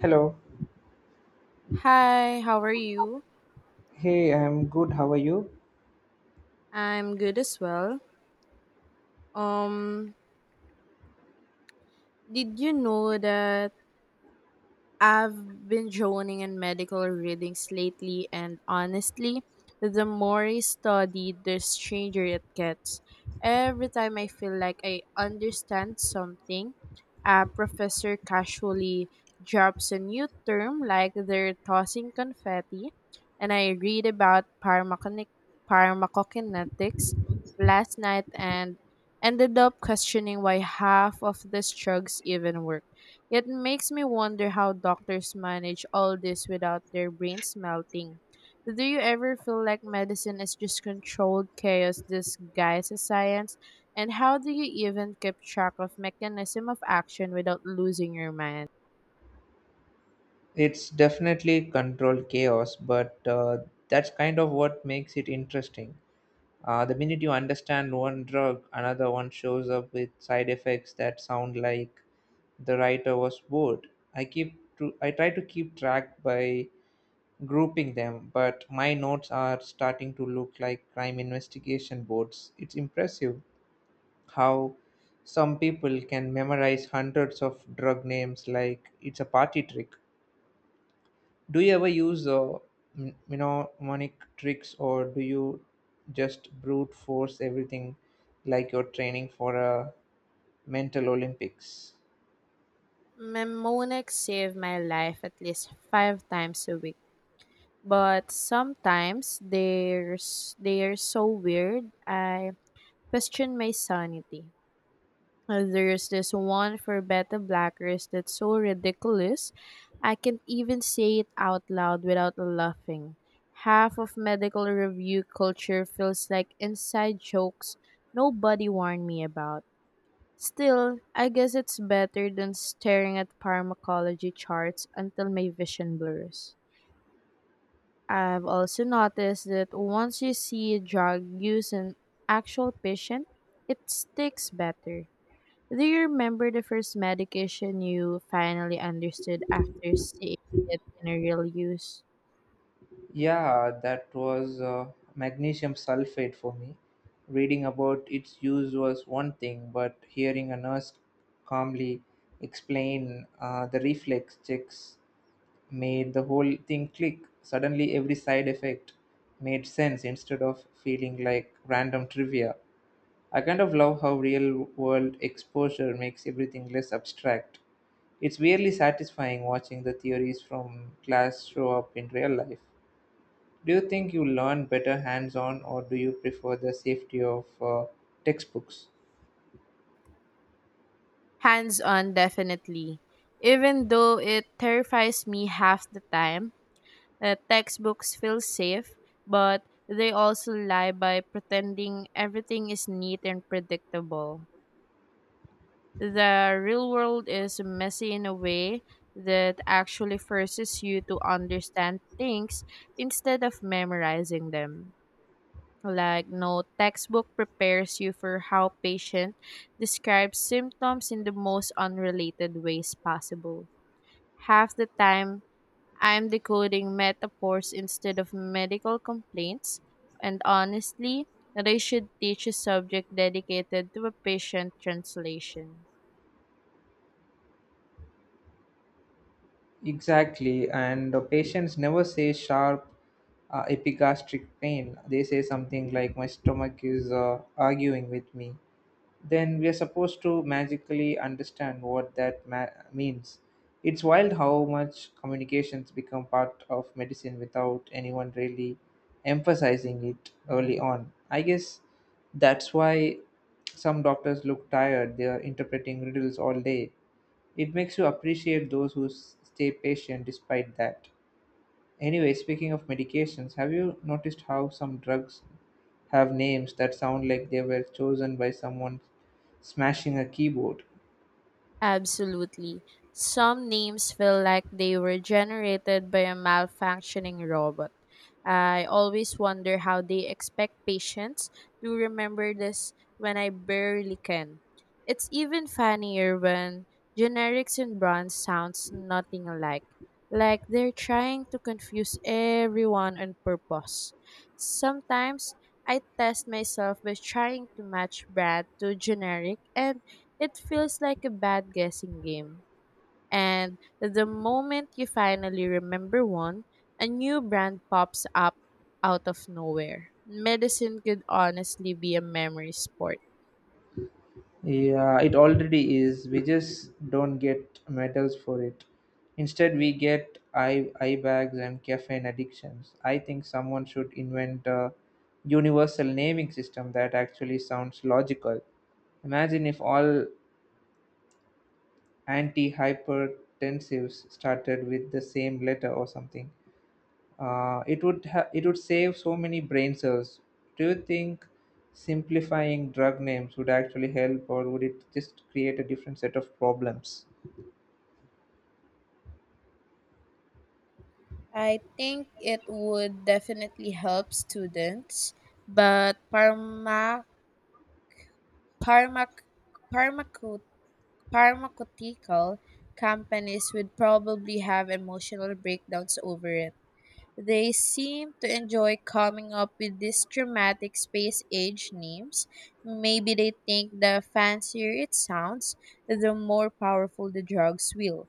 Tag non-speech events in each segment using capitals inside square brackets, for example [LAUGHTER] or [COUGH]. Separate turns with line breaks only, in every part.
Hello.
Hi, how are you?
Hey, I'm good. How are you?
I'm good as well. Um, did you know that I've been joining in medical readings lately, and honestly, the more I study, the stranger it gets. Every time I feel like I understand something, a professor casually drops a new term like they're tossing confetti, and I read about pharmacokinetics last night and ended up questioning why half of these drugs even work. It makes me wonder how doctors manage all this without their brains melting. Do you ever feel like medicine is just controlled chaos disguised as science? And how do you even keep track of mechanism of action without losing your mind?
It's definitely controlled chaos, but that's kind of what makes it interesting. The minute you understand one drug, another one shows up with side effects that sound like the writer was bored. I try to keep track by grouping them, but my notes are starting to look like crime investigation boards. It's impressive how some people can memorize hundreds of drug names like it's a party trick. Do you ever use mnemonic tricks, or do you just brute force everything like you're training for a mental Olympics?
Mnemonics save my life at least five times a week. But sometimes they're so weird, I question my sanity. There's this one for beta blackers that's so ridiculous, I can't even say it out loud without laughing. Half of medical review culture feels like inside jokes nobody warned me about. Still, I guess it's better than staring at pharmacology charts until my vision blurs. I've also noticed that once you see a drug use in actual patient, it sticks better. Do you remember the first medication you finally understood after seeing it in a real use?
Yeah, that was magnesium sulfate for me. Reading about its use was one thing, but hearing a nurse calmly explain the reflex checks made the whole thing click. Suddenly, every side effect made sense instead of feeling like random trivia. I kind of love how real world exposure makes everything less abstract. It's weirdly satisfying watching the theories from class show up in real life. Do you think you learn better hands on, or do you prefer the safety of textbooks?
Hands on, definitely. Even though it terrifies me half the time, textbooks feel safe, but they also lie by pretending everything is neat and predictable. The real world is messy in a way that actually forces you to understand things instead of memorizing them. Like, no textbook prepares you for how patient describes symptoms in the most unrelated ways possible. Half the time, I'm decoding metaphors instead of medical complaints, and honestly, they should teach a subject dedicated to a patient translation.
Exactly, and the patients never say sharp epigastric pain. They say something like, "My stomach is arguing with me," then we are supposed to magically understand what that means. It's wild how much communications become part of medicine without anyone really emphasizing it early on. I guess that's why some doctors look tired, they are interpreting riddles all day. It makes you appreciate those who stay patient despite that. Anyway, speaking of medications, have you noticed how some drugs have names that sound like they were chosen by someone smashing a keyboard?
Absolutely. Some names feel like they were generated by a malfunctioning robot. I always wonder how they expect patients to remember this when I barely can. It's even funnier when generics and brands sounds nothing alike, like they're trying to confuse everyone on purpose. Sometimes I test myself by trying to match brand to generic and it feels like a bad guessing game. And the moment you finally remember one, a new brand pops up out of nowhere. Medicine could honestly be a memory sport.
Yeah, it already is. We just don't get medals for it. Instead, we get eye bags and caffeine addictions. I think someone should invent a universal naming system that actually sounds logical. Imagine if all antihypertensives started with the same letter or something. It would it would save so many brain cells. Do you think simplifying drug names would actually help, or would it just create a different set of problems?
I think it would definitely help students, but pharmac, pharmaco, pharmaceutical companies would probably have emotional breakdowns over it. They seem to enjoy coming up with these dramatic space age names. Maybe they think the fancier it sounds, the more powerful the drugs will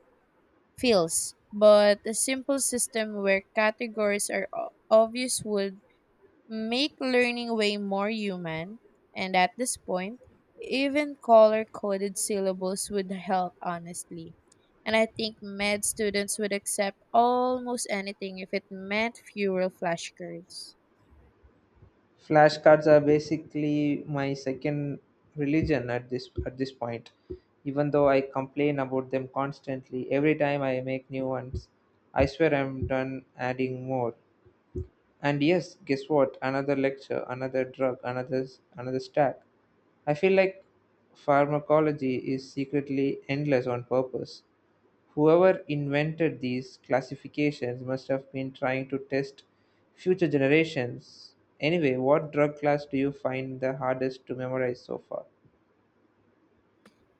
feels. But a simple system where categories are obvious would make learning way more human, and at this point, even color coded syllables would help honestly. And I think med students would accept almost anything if it meant fewer flashcards.
Flashcards are basically my second religion at this point. Even though I complain about them constantly, every time I make new ones, I swear I'm done adding more. And yes, guess what? Another lecture, another drug, another stack. I feel like pharmacology is secretly endless on purpose. Whoever invented these classifications must have been trying to test future generations. Anyway, what drug class do you find the hardest to memorize so far?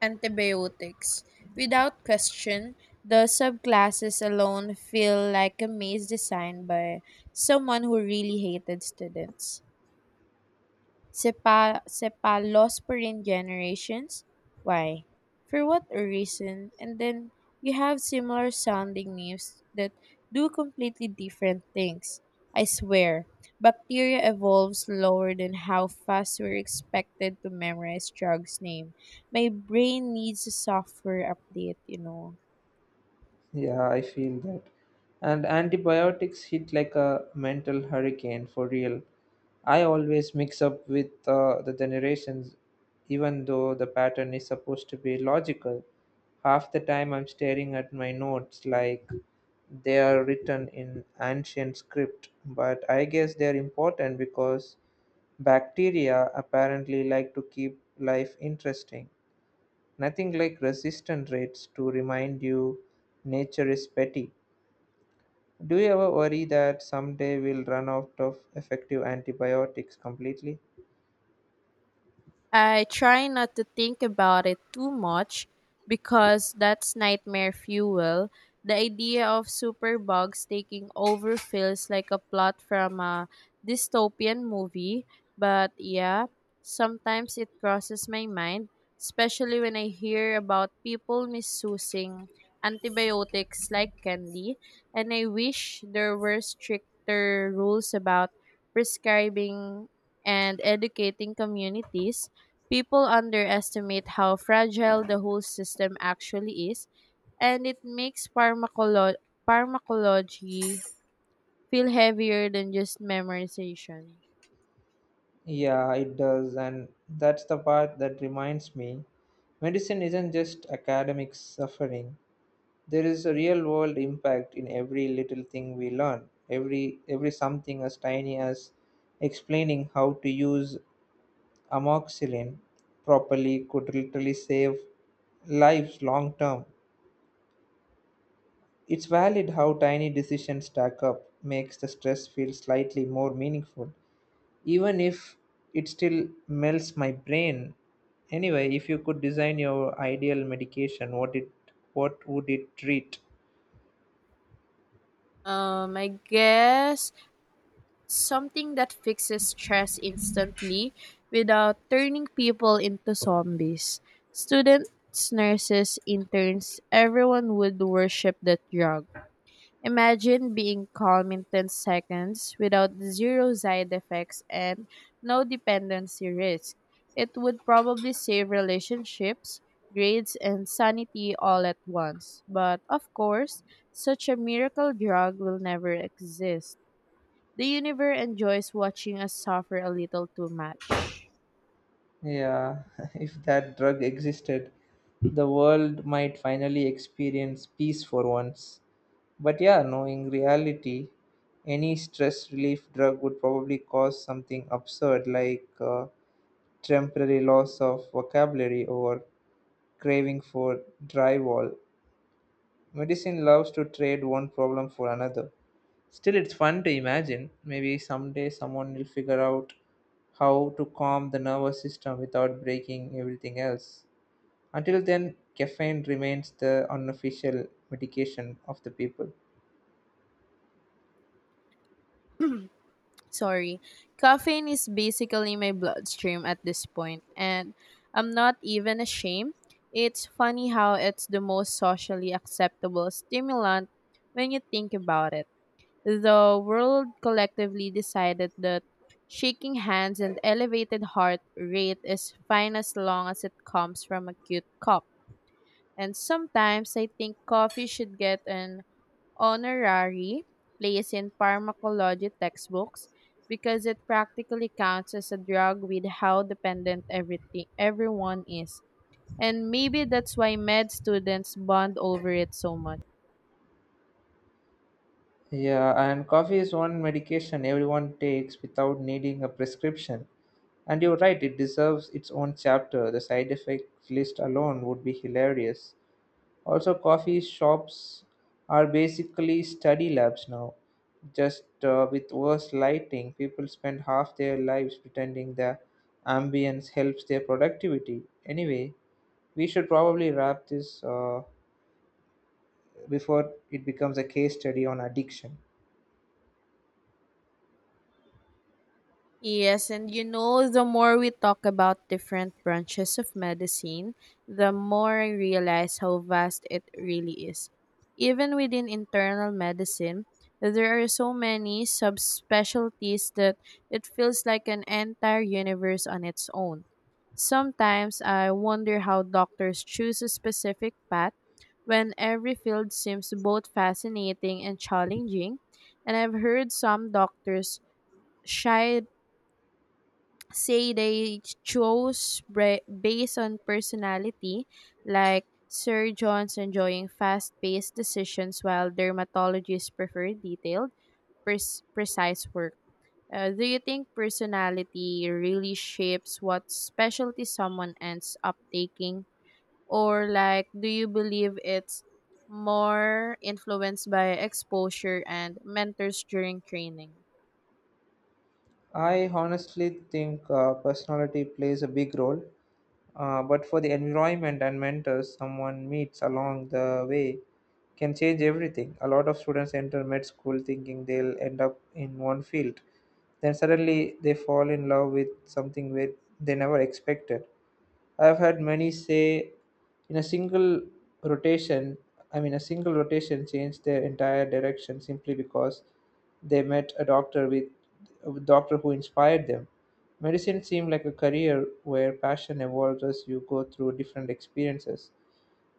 Antibiotics. Without question, the subclasses alone feel like a maze designed by someone who really hated students. Cephalosporin generations? Why? For what reason? And then you have similar sounding names that do completely different things. I swear, bacteria evolve slower than how fast we're expected to memorize drugs name. My brain needs a software update, you know.
Yeah, I feel that. And antibiotics hit like a mental hurricane for real. I always mix up with the generations, even though the pattern is supposed to be logical. Half the time I'm staring at my notes like they are written in ancient script, but I guess they're important because bacteria apparently like to keep life interesting. Nothing like resistance rates to remind you nature is petty. Do you ever worry that someday we'll run out of effective antibiotics completely?
I try not to think about it too much because that's nightmare fuel. The idea of superbugs taking over feels like a plot from a dystopian movie, but yeah, sometimes it crosses my mind, especially when I hear about people misusing antibiotics like candy, and I wish there were stricter rules about prescribing and educating communities. People underestimate how fragile the whole system actually is, and it makes pharmacology feel heavier than just memorization.
Yeah, it does, and that's the part that reminds me medicine isn't just academic suffering. There is a real world impact in every little thing we learn, every something as tiny as explaining how to use amoxicillin properly could literally save lives long term. It's valid how tiny decisions stack up makes the stress feel slightly more meaningful, even if it still melts my brain. Anyway, if you could design your ideal medication, what would it treat?
I guess something that fixes stress instantly without turning people into zombies. Students, nurses, interns, everyone would worship that drug. Imagine being calm in 10 seconds without zero side effects and no dependency risk. It would probably save relationships, grades, and sanity all at once. But of course, such a miracle drug will never exist. The universe enjoys watching us suffer a little too much.
Yeah, [LAUGHS] if that drug existed, the world might finally experience peace for once. But yeah, knowing reality, any stress relief drug would probably cause something absurd like temporary loss of vocabulary or craving for drywall. Medicine loves to trade one problem for another. Still, it's fun to imagine. Maybe someday someone will figure out how to calm the nervous system without breaking everything else. Until then, caffeine remains the unofficial medication of the people.
Sorry, caffeine is basically my bloodstream at this point, and I'm not even ashamed. It's funny how it's the most socially acceptable stimulant when you think about it. The world collectively decided that shaking hands and elevated heart rate is fine as long as it comes from a cute cup. And sometimes I think coffee should get an honorary place in pharmacology textbooks because it practically counts as a drug with how dependent everything everyone is. And maybe that's why med students bond over it so much.
Yeah, and coffee is one medication everyone takes without needing a prescription. And you're right, it deserves its own chapter. The side effect list alone would be hilarious. Also, coffee shops are basically study labs now. Just with worse lighting, people spend half their lives pretending the ambience helps their productivity. Anyway, we should probably wrap this before it becomes a case study on addiction.
Yes, and you know, the more we talk about different branches of medicine, the more I realize how vast it really is. Even within internal medicine, there are so many subspecialties that it feels like an entire universe on its own. Sometimes I wonder how doctors choose a specific path when every field seems both fascinating and challenging, and I've heard some doctors shy say they chose based on personality, like surgeons enjoying fast paced decisions while dermatologists prefer detailed, precise work. Do you think personality really shapes what specialty someone ends up taking? Or, like, do you believe it's more influenced by exposure and mentors during training?
I honestly think personality plays a big role, but for the environment and mentors someone meets along the way can change everything. A lot of students enter med school thinking they'll end up in one field, then suddenly they fall in love with something where they never expected. I've had many say in a single rotation, I mean, a single rotation changed their entire direction simply because they met a doctor who inspired them. Medicine seemed like a career where passion evolves as you go through different experiences.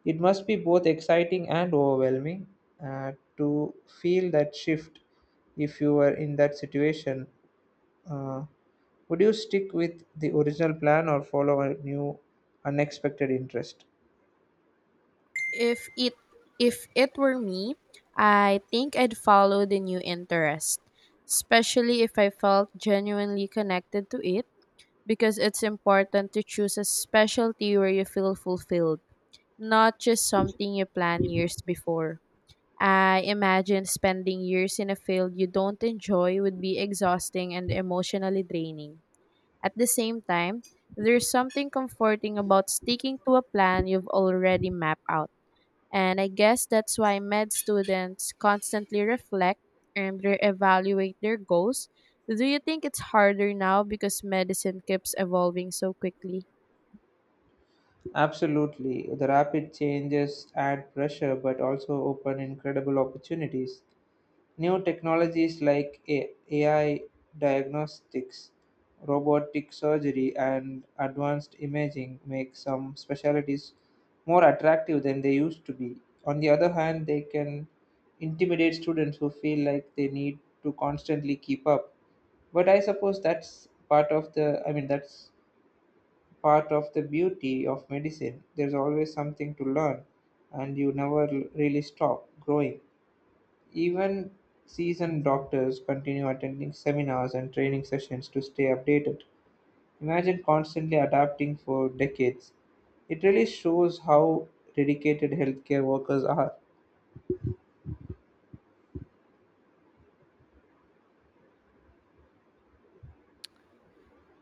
It must be both exciting and overwhelming to feel that shift if you were in that situation, uh, would you stick with the original plan or follow a new unexpected interest?
If it if it were me, I think I'd follow the new interest, especially if I felt genuinely connected to it, because it's important to choose a specialty where you feel fulfilled, not just something you plan years before. I imagine spending years in a field you don't enjoy would be exhausting and emotionally draining. At the same time, there's something comforting about sticking to a plan you've already mapped out, and I guess that's why med students constantly reflect and reevaluate their goals. Do you think it's harder now because medicine keeps evolving so quickly?
Absolutely. The rapid changes add pressure but also open incredible opportunities. New technologies like AI diagnostics, robotic surgery, and advanced imaging make some specialties more attractive than they used to be. On the other hand, they can intimidate students who feel like they need to constantly keep up. But I suppose that's part of the, I mean, that's part of the beauty of medicine. There's always something to learn, and you never really stop growing. Even seasoned doctors continue attending seminars and training sessions to stay updated. Imagine constantly adapting for decades. It really shows how dedicated healthcare workers are.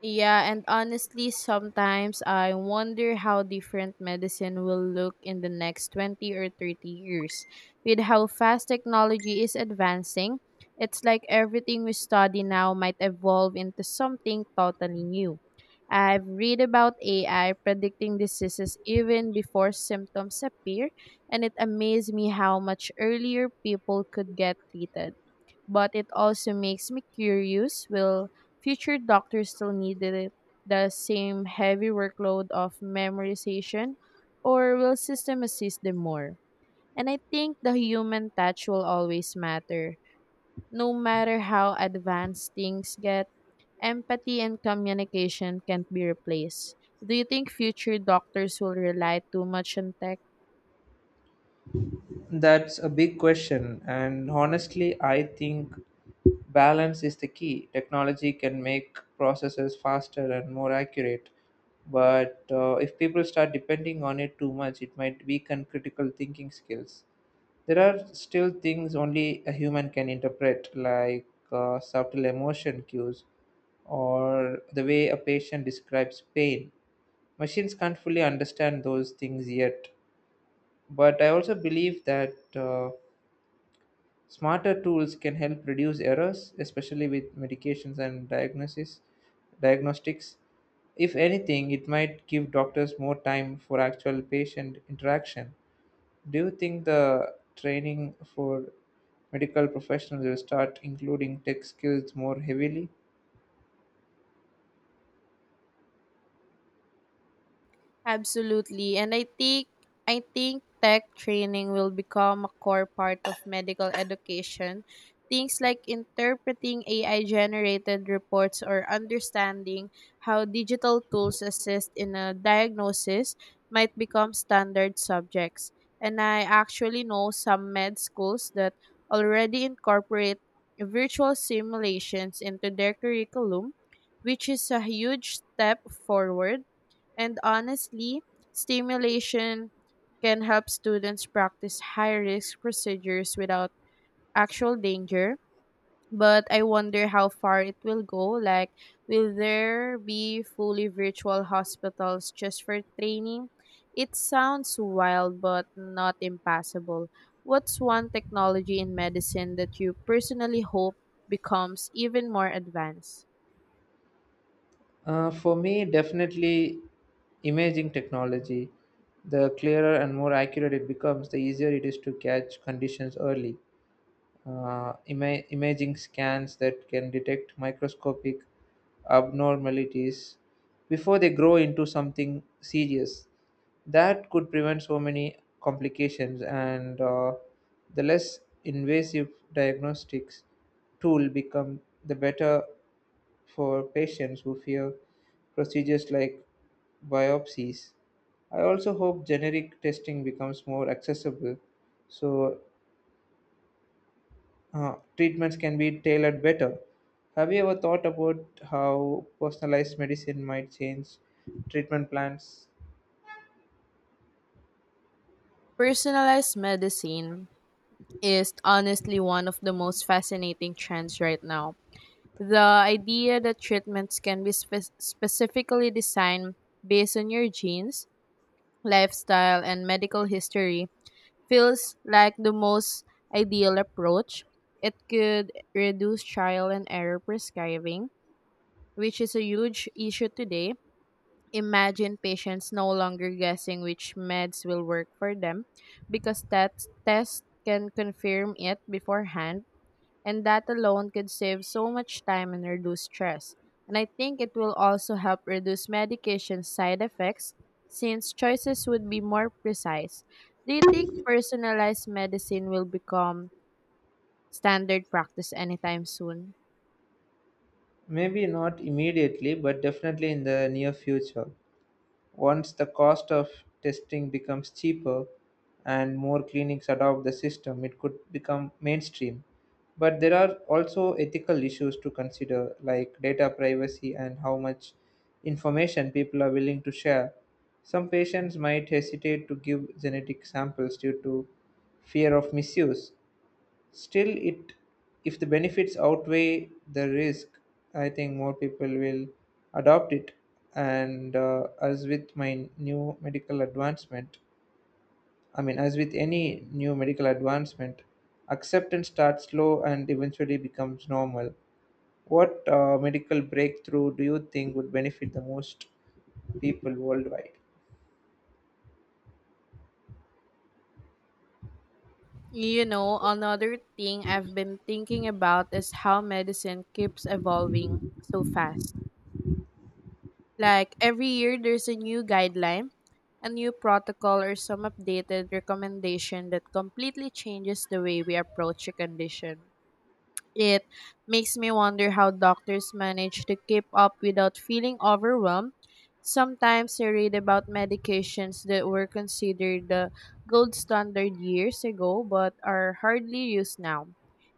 Yeah, and honestly, sometimes I wonder how different medicine will look in the next 20 or 30 years. With how fast technology is advancing, it's like everything we study now might evolve into something totally new. I've read about AI predicting diseases even before symptoms appear, and it amazed me how much earlier people could get treated, but it also makes me curious, will future doctors still need the same heavy workload of memorization, or will system assist them more? And I think the human touch will always matter no matter how advanced things get. Empathy and communication can't be replaced. Do you think future doctors will rely too much on tech?
That's a big question, and honestly, I think balance is the key. Technology can make processes faster and more accurate, but if people start depending on it too much, it might weaken critical thinking skills. There are still things only a human can interpret, like subtle emotion cues or the way a patient describes pain. Machines can't fully understand those things yet. But I also believe that smarter tools can help reduce errors, especially with medications and diagnostics. If anything, it might give doctors more time for actual patient interaction. Do you think the training for medical professionals will start including tech skills more heavily?
Absolutely. And I think tech training will become a core part of medical education. Things like interpreting AI generated reports or understanding how digital tools assist in a diagnosis might become standard subjects. And I actually know some med schools that already incorporate virtual simulations into their curriculum, which is a huge step forward, and honestly, stimulation can help students practice high risk procedures without actual danger. But I wonder how far it will go. Like, will there be fully virtual hospitals just for training? It sounds wild, but not impossible. What's one technology in medicine that you personally hope becomes even more advanced?
For me, definitely imaging technology. The clearer and more accurate it becomes, the easier it is to catch conditions early. Imaging scans that can detect microscopic abnormalities before they grow into something serious. That could prevent so many complications, and the less invasive diagnostics tool become the better for patients who fear procedures like biopsies. I also hope generic testing becomes more accessible so treatments can be tailored better. Have you ever thought about how personalized medicine might change treatment plans?
Personalized medicine is honestly one of the most fascinating trends right now. The idea that treatments can be specifically designed based on your genes, lifestyle, and medical history feels like the most ideal approach. It could reduce trial and error prescribing, which is a huge issue today. Imagine patients no longer guessing which meds will work for them because that test can confirm it beforehand, and that alone could save so much time and reduce stress. And I think it will also help reduce medication side effects since choices would be more precise. Do you think personalized medicine will become standard practice anytime soon?
Maybe not immediately, but definitely in the near future. Once the cost of testing becomes cheaper and more clinics adopt the system, it could become mainstream. But there are also ethical issues to consider, like data privacy and how much information people are willing to share. Some patients might hesitate to give genetic samples due to fear of misuse. Still, it if the benefits outweigh the risk, I think more people will adopt it. And as with my new medical advancement, I mean, as with any new medical advancement, acceptance starts slow and eventually becomes normal. What medical breakthrough do you think would benefit the most people worldwide?
You know, another thing I've been thinking about is how medicine keeps evolving so fast. Like every year, there's a new guideline, a new protocol, or some updated recommendation that completely changes the way we approach a condition. It makes me wonder how doctors manage to keep up without feeling overwhelmed. Sometimes I read about medications that were considered the gold standard years ago but are hardly used now.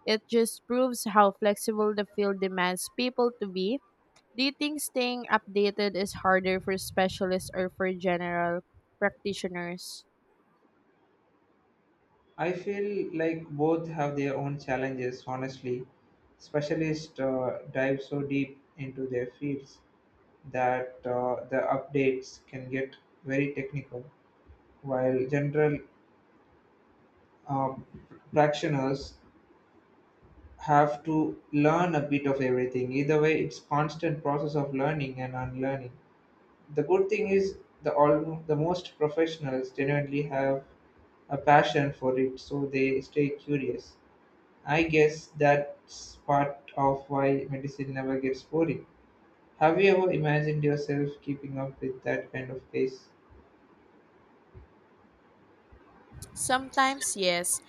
It just proves how flexible the field demands people to be. Do you think staying updated is harder for specialists or for general practitioners?
I feel like both have their own challenges, honestly. Specialists dive so deep into their fields that the updates can get very technical, while general uh, practitioners have to learn a bit of everything. Either way, it's constant process of learning and unlearning. The good thing is the all the most professionals genuinely have a passion for it, so they stay curious. I guess that's part of why medicine never gets boring. Have you ever imagined yourself keeping up with that kind of pace?
Sometimes, yes,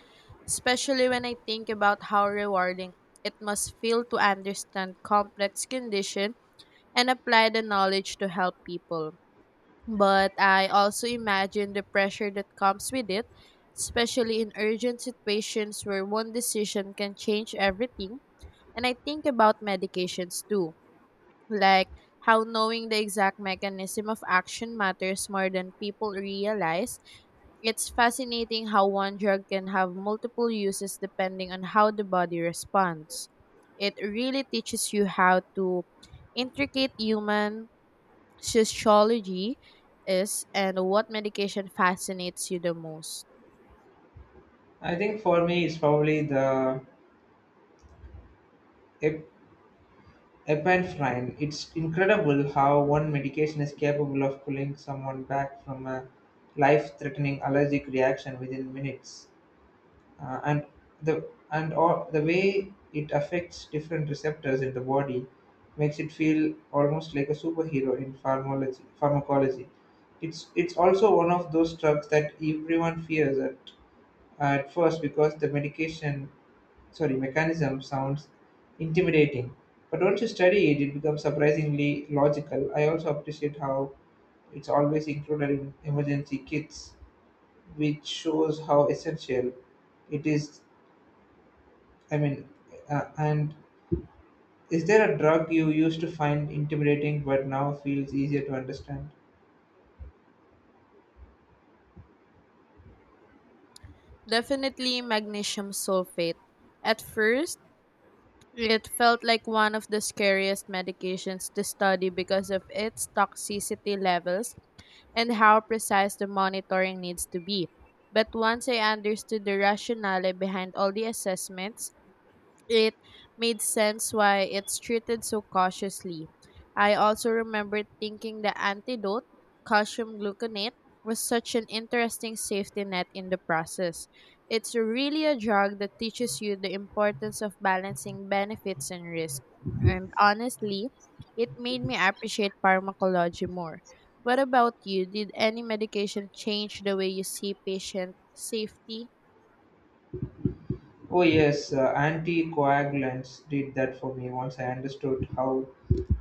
especially when I think about how rewarding it must feel to understand complex condition and apply the knowledge to help people. But I also imagine the pressure that comes with it, especially in urgent situations where one decision can change everything, and I think about medications too, like how knowing the exact mechanism of action matters more than people realize. It's fascinating how one drug can have multiple uses depending on how the body responds. It really teaches you how to intricate human sociology is, and what medication fascinates you the most.
I think for me, it's probably the ep- epinephrine. It's incredible how one medication is capable of pulling someone back from a life threatening allergic reaction within minutes. And the and all, The way it affects different receptors in the body makes it feel almost like a superhero in pharmacology. It's also one of those drugs that everyone fears at first because the medication sorry mechanism sounds intimidating. But once you study it, it becomes surprisingly logical. I also appreciate how it's always included in emergency kits, which shows how essential it is. I mean, and Is there a drug you used to find intimidating but now feels easier to understand?
Definitely magnesium sulfate. At first, it felt like one of the scariest medications to study because of its toxicity levels and how precise the monitoring needs to be. But once I understood the rationale behind all the assessments, it made sense why it's treated so cautiously. I also remember thinking the antidote, calcium gluconate, was such an interesting safety net in the process. It's really a drug that teaches you the importance of balancing benefits and risk. And honestly, it made me appreciate pharmacology more. What about you? Did any medication change the way you see patient safety?
Oh yes, anticoagulants did that for me. Once I understood how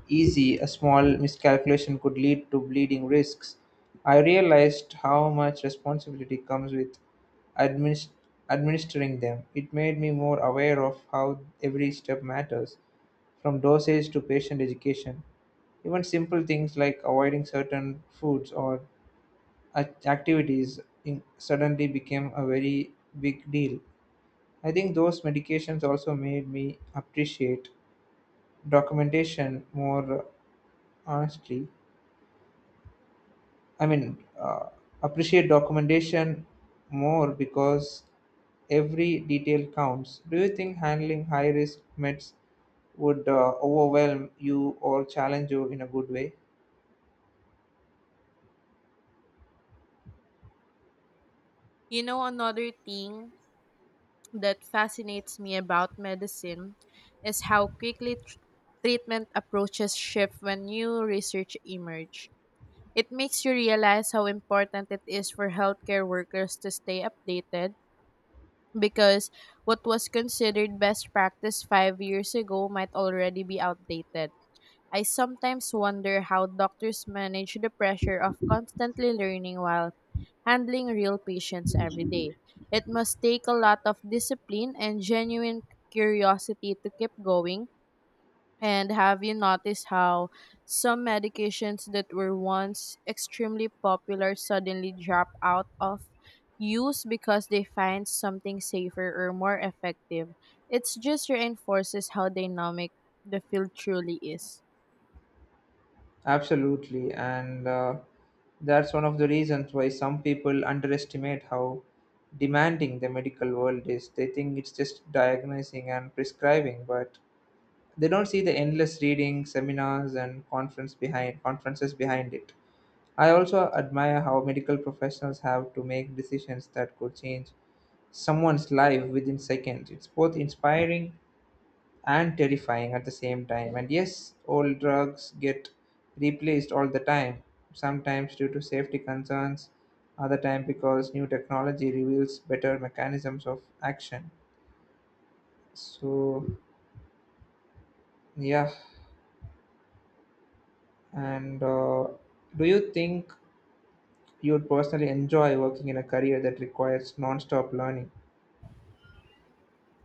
easy a small miscalculation could lead to bleeding risks, I realized how much responsibility comes with administ- administering them. It made me more aware of how every step matters, from dosage to patient education. Even simple things like avoiding certain foods or activities suddenly became a very big deal. I think those medications also made me appreciate documentation more honestly. I mean, uh, Appreciate documentation more because every detail counts. Do you think handling high risk meds would overwhelm you or challenge you in a good way?
You know, another thing that fascinates me about medicine is how quickly treatment approaches shift when new research emerge. It makes you realize how important it is for healthcare workers to stay updated because what was considered best practice 5 years ago might already be outdated. I sometimes wonder how doctors manage the pressure of constantly learning while handling real patients every day. It must take a lot of discipline and genuine curiosity to keep going. And have you noticed how some medications that were once extremely popular suddenly drop out of use because they find something safer or more effective? It just reinforces how dynamic the field truly is.
Absolutely, and that's one of the reasons why some people underestimate how demanding the medical world is. They think it's just diagnosing and prescribing, but they don't see the endless reading, seminars, and conferences behind it. I also admire how medical professionals have to make decisions that could change someone's life within seconds. It's both inspiring and terrifying at the same time. And yes, old drugs get replaced all the time, sometimes due to safety concerns, other time because new technology reveals better mechanisms of action. So, yeah, and do you think you would personally enjoy working in a career that requires non-stop learning?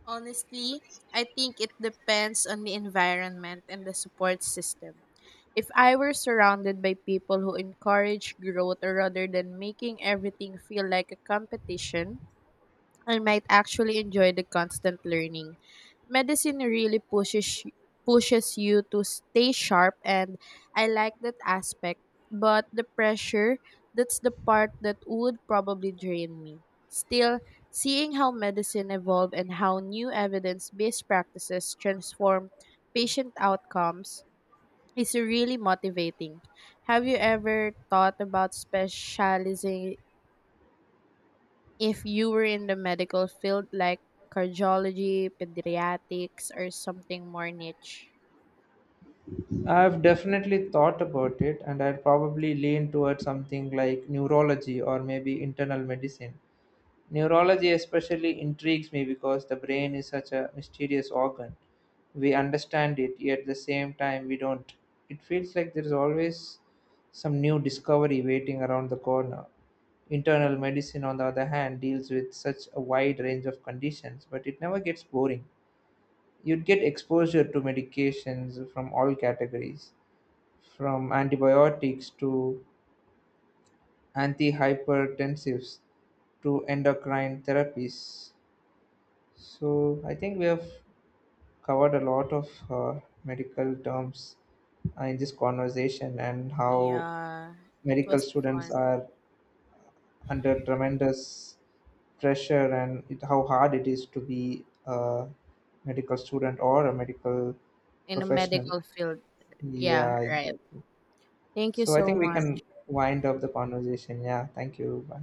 Honestly, I think it depends on the environment and the support system. If I were surrounded by people who encourage growth rather than making everything feel like a competition, and might actually enjoy the constant learning. Medicine really pushes you to stay sharp, and I like that aspect, but the pressure, that's the part that would probably drain me. Still, seeing how medicine evolved and how new evidence-based practices transform patient outcomes is really motivating. Have you ever thought about specializing if you were in the medical field, like cardiology, pediatrics, or something more niche?
I've definitely thought about it, and I'd probably lean towards something like neurology or maybe internal medicine. Neurology especially intrigues me because the brain is such a mysterious organ. We understand it, yet at the same time, we don't. It feels like there's always some new discovery waiting around the corner. Internal medicine, on the other hand, deals with such a wide range of conditions, but it never gets boring. You'd get exposure to medications from all categories, from antibiotics to antihypertensives to endocrine therapies. So I think we have covered a lot of medical terms in this conversation and how
Yeah, it
medical
was
students
fun
are under tremendous pressure and it, how hard it is to be a medical student or a medical
in the
professional.
medical field. Yeah,
Yeah,
right.
exactly.
Thank you
So I
so
think we can
much.
wind up the conversation. Yeah, thank you. Bye.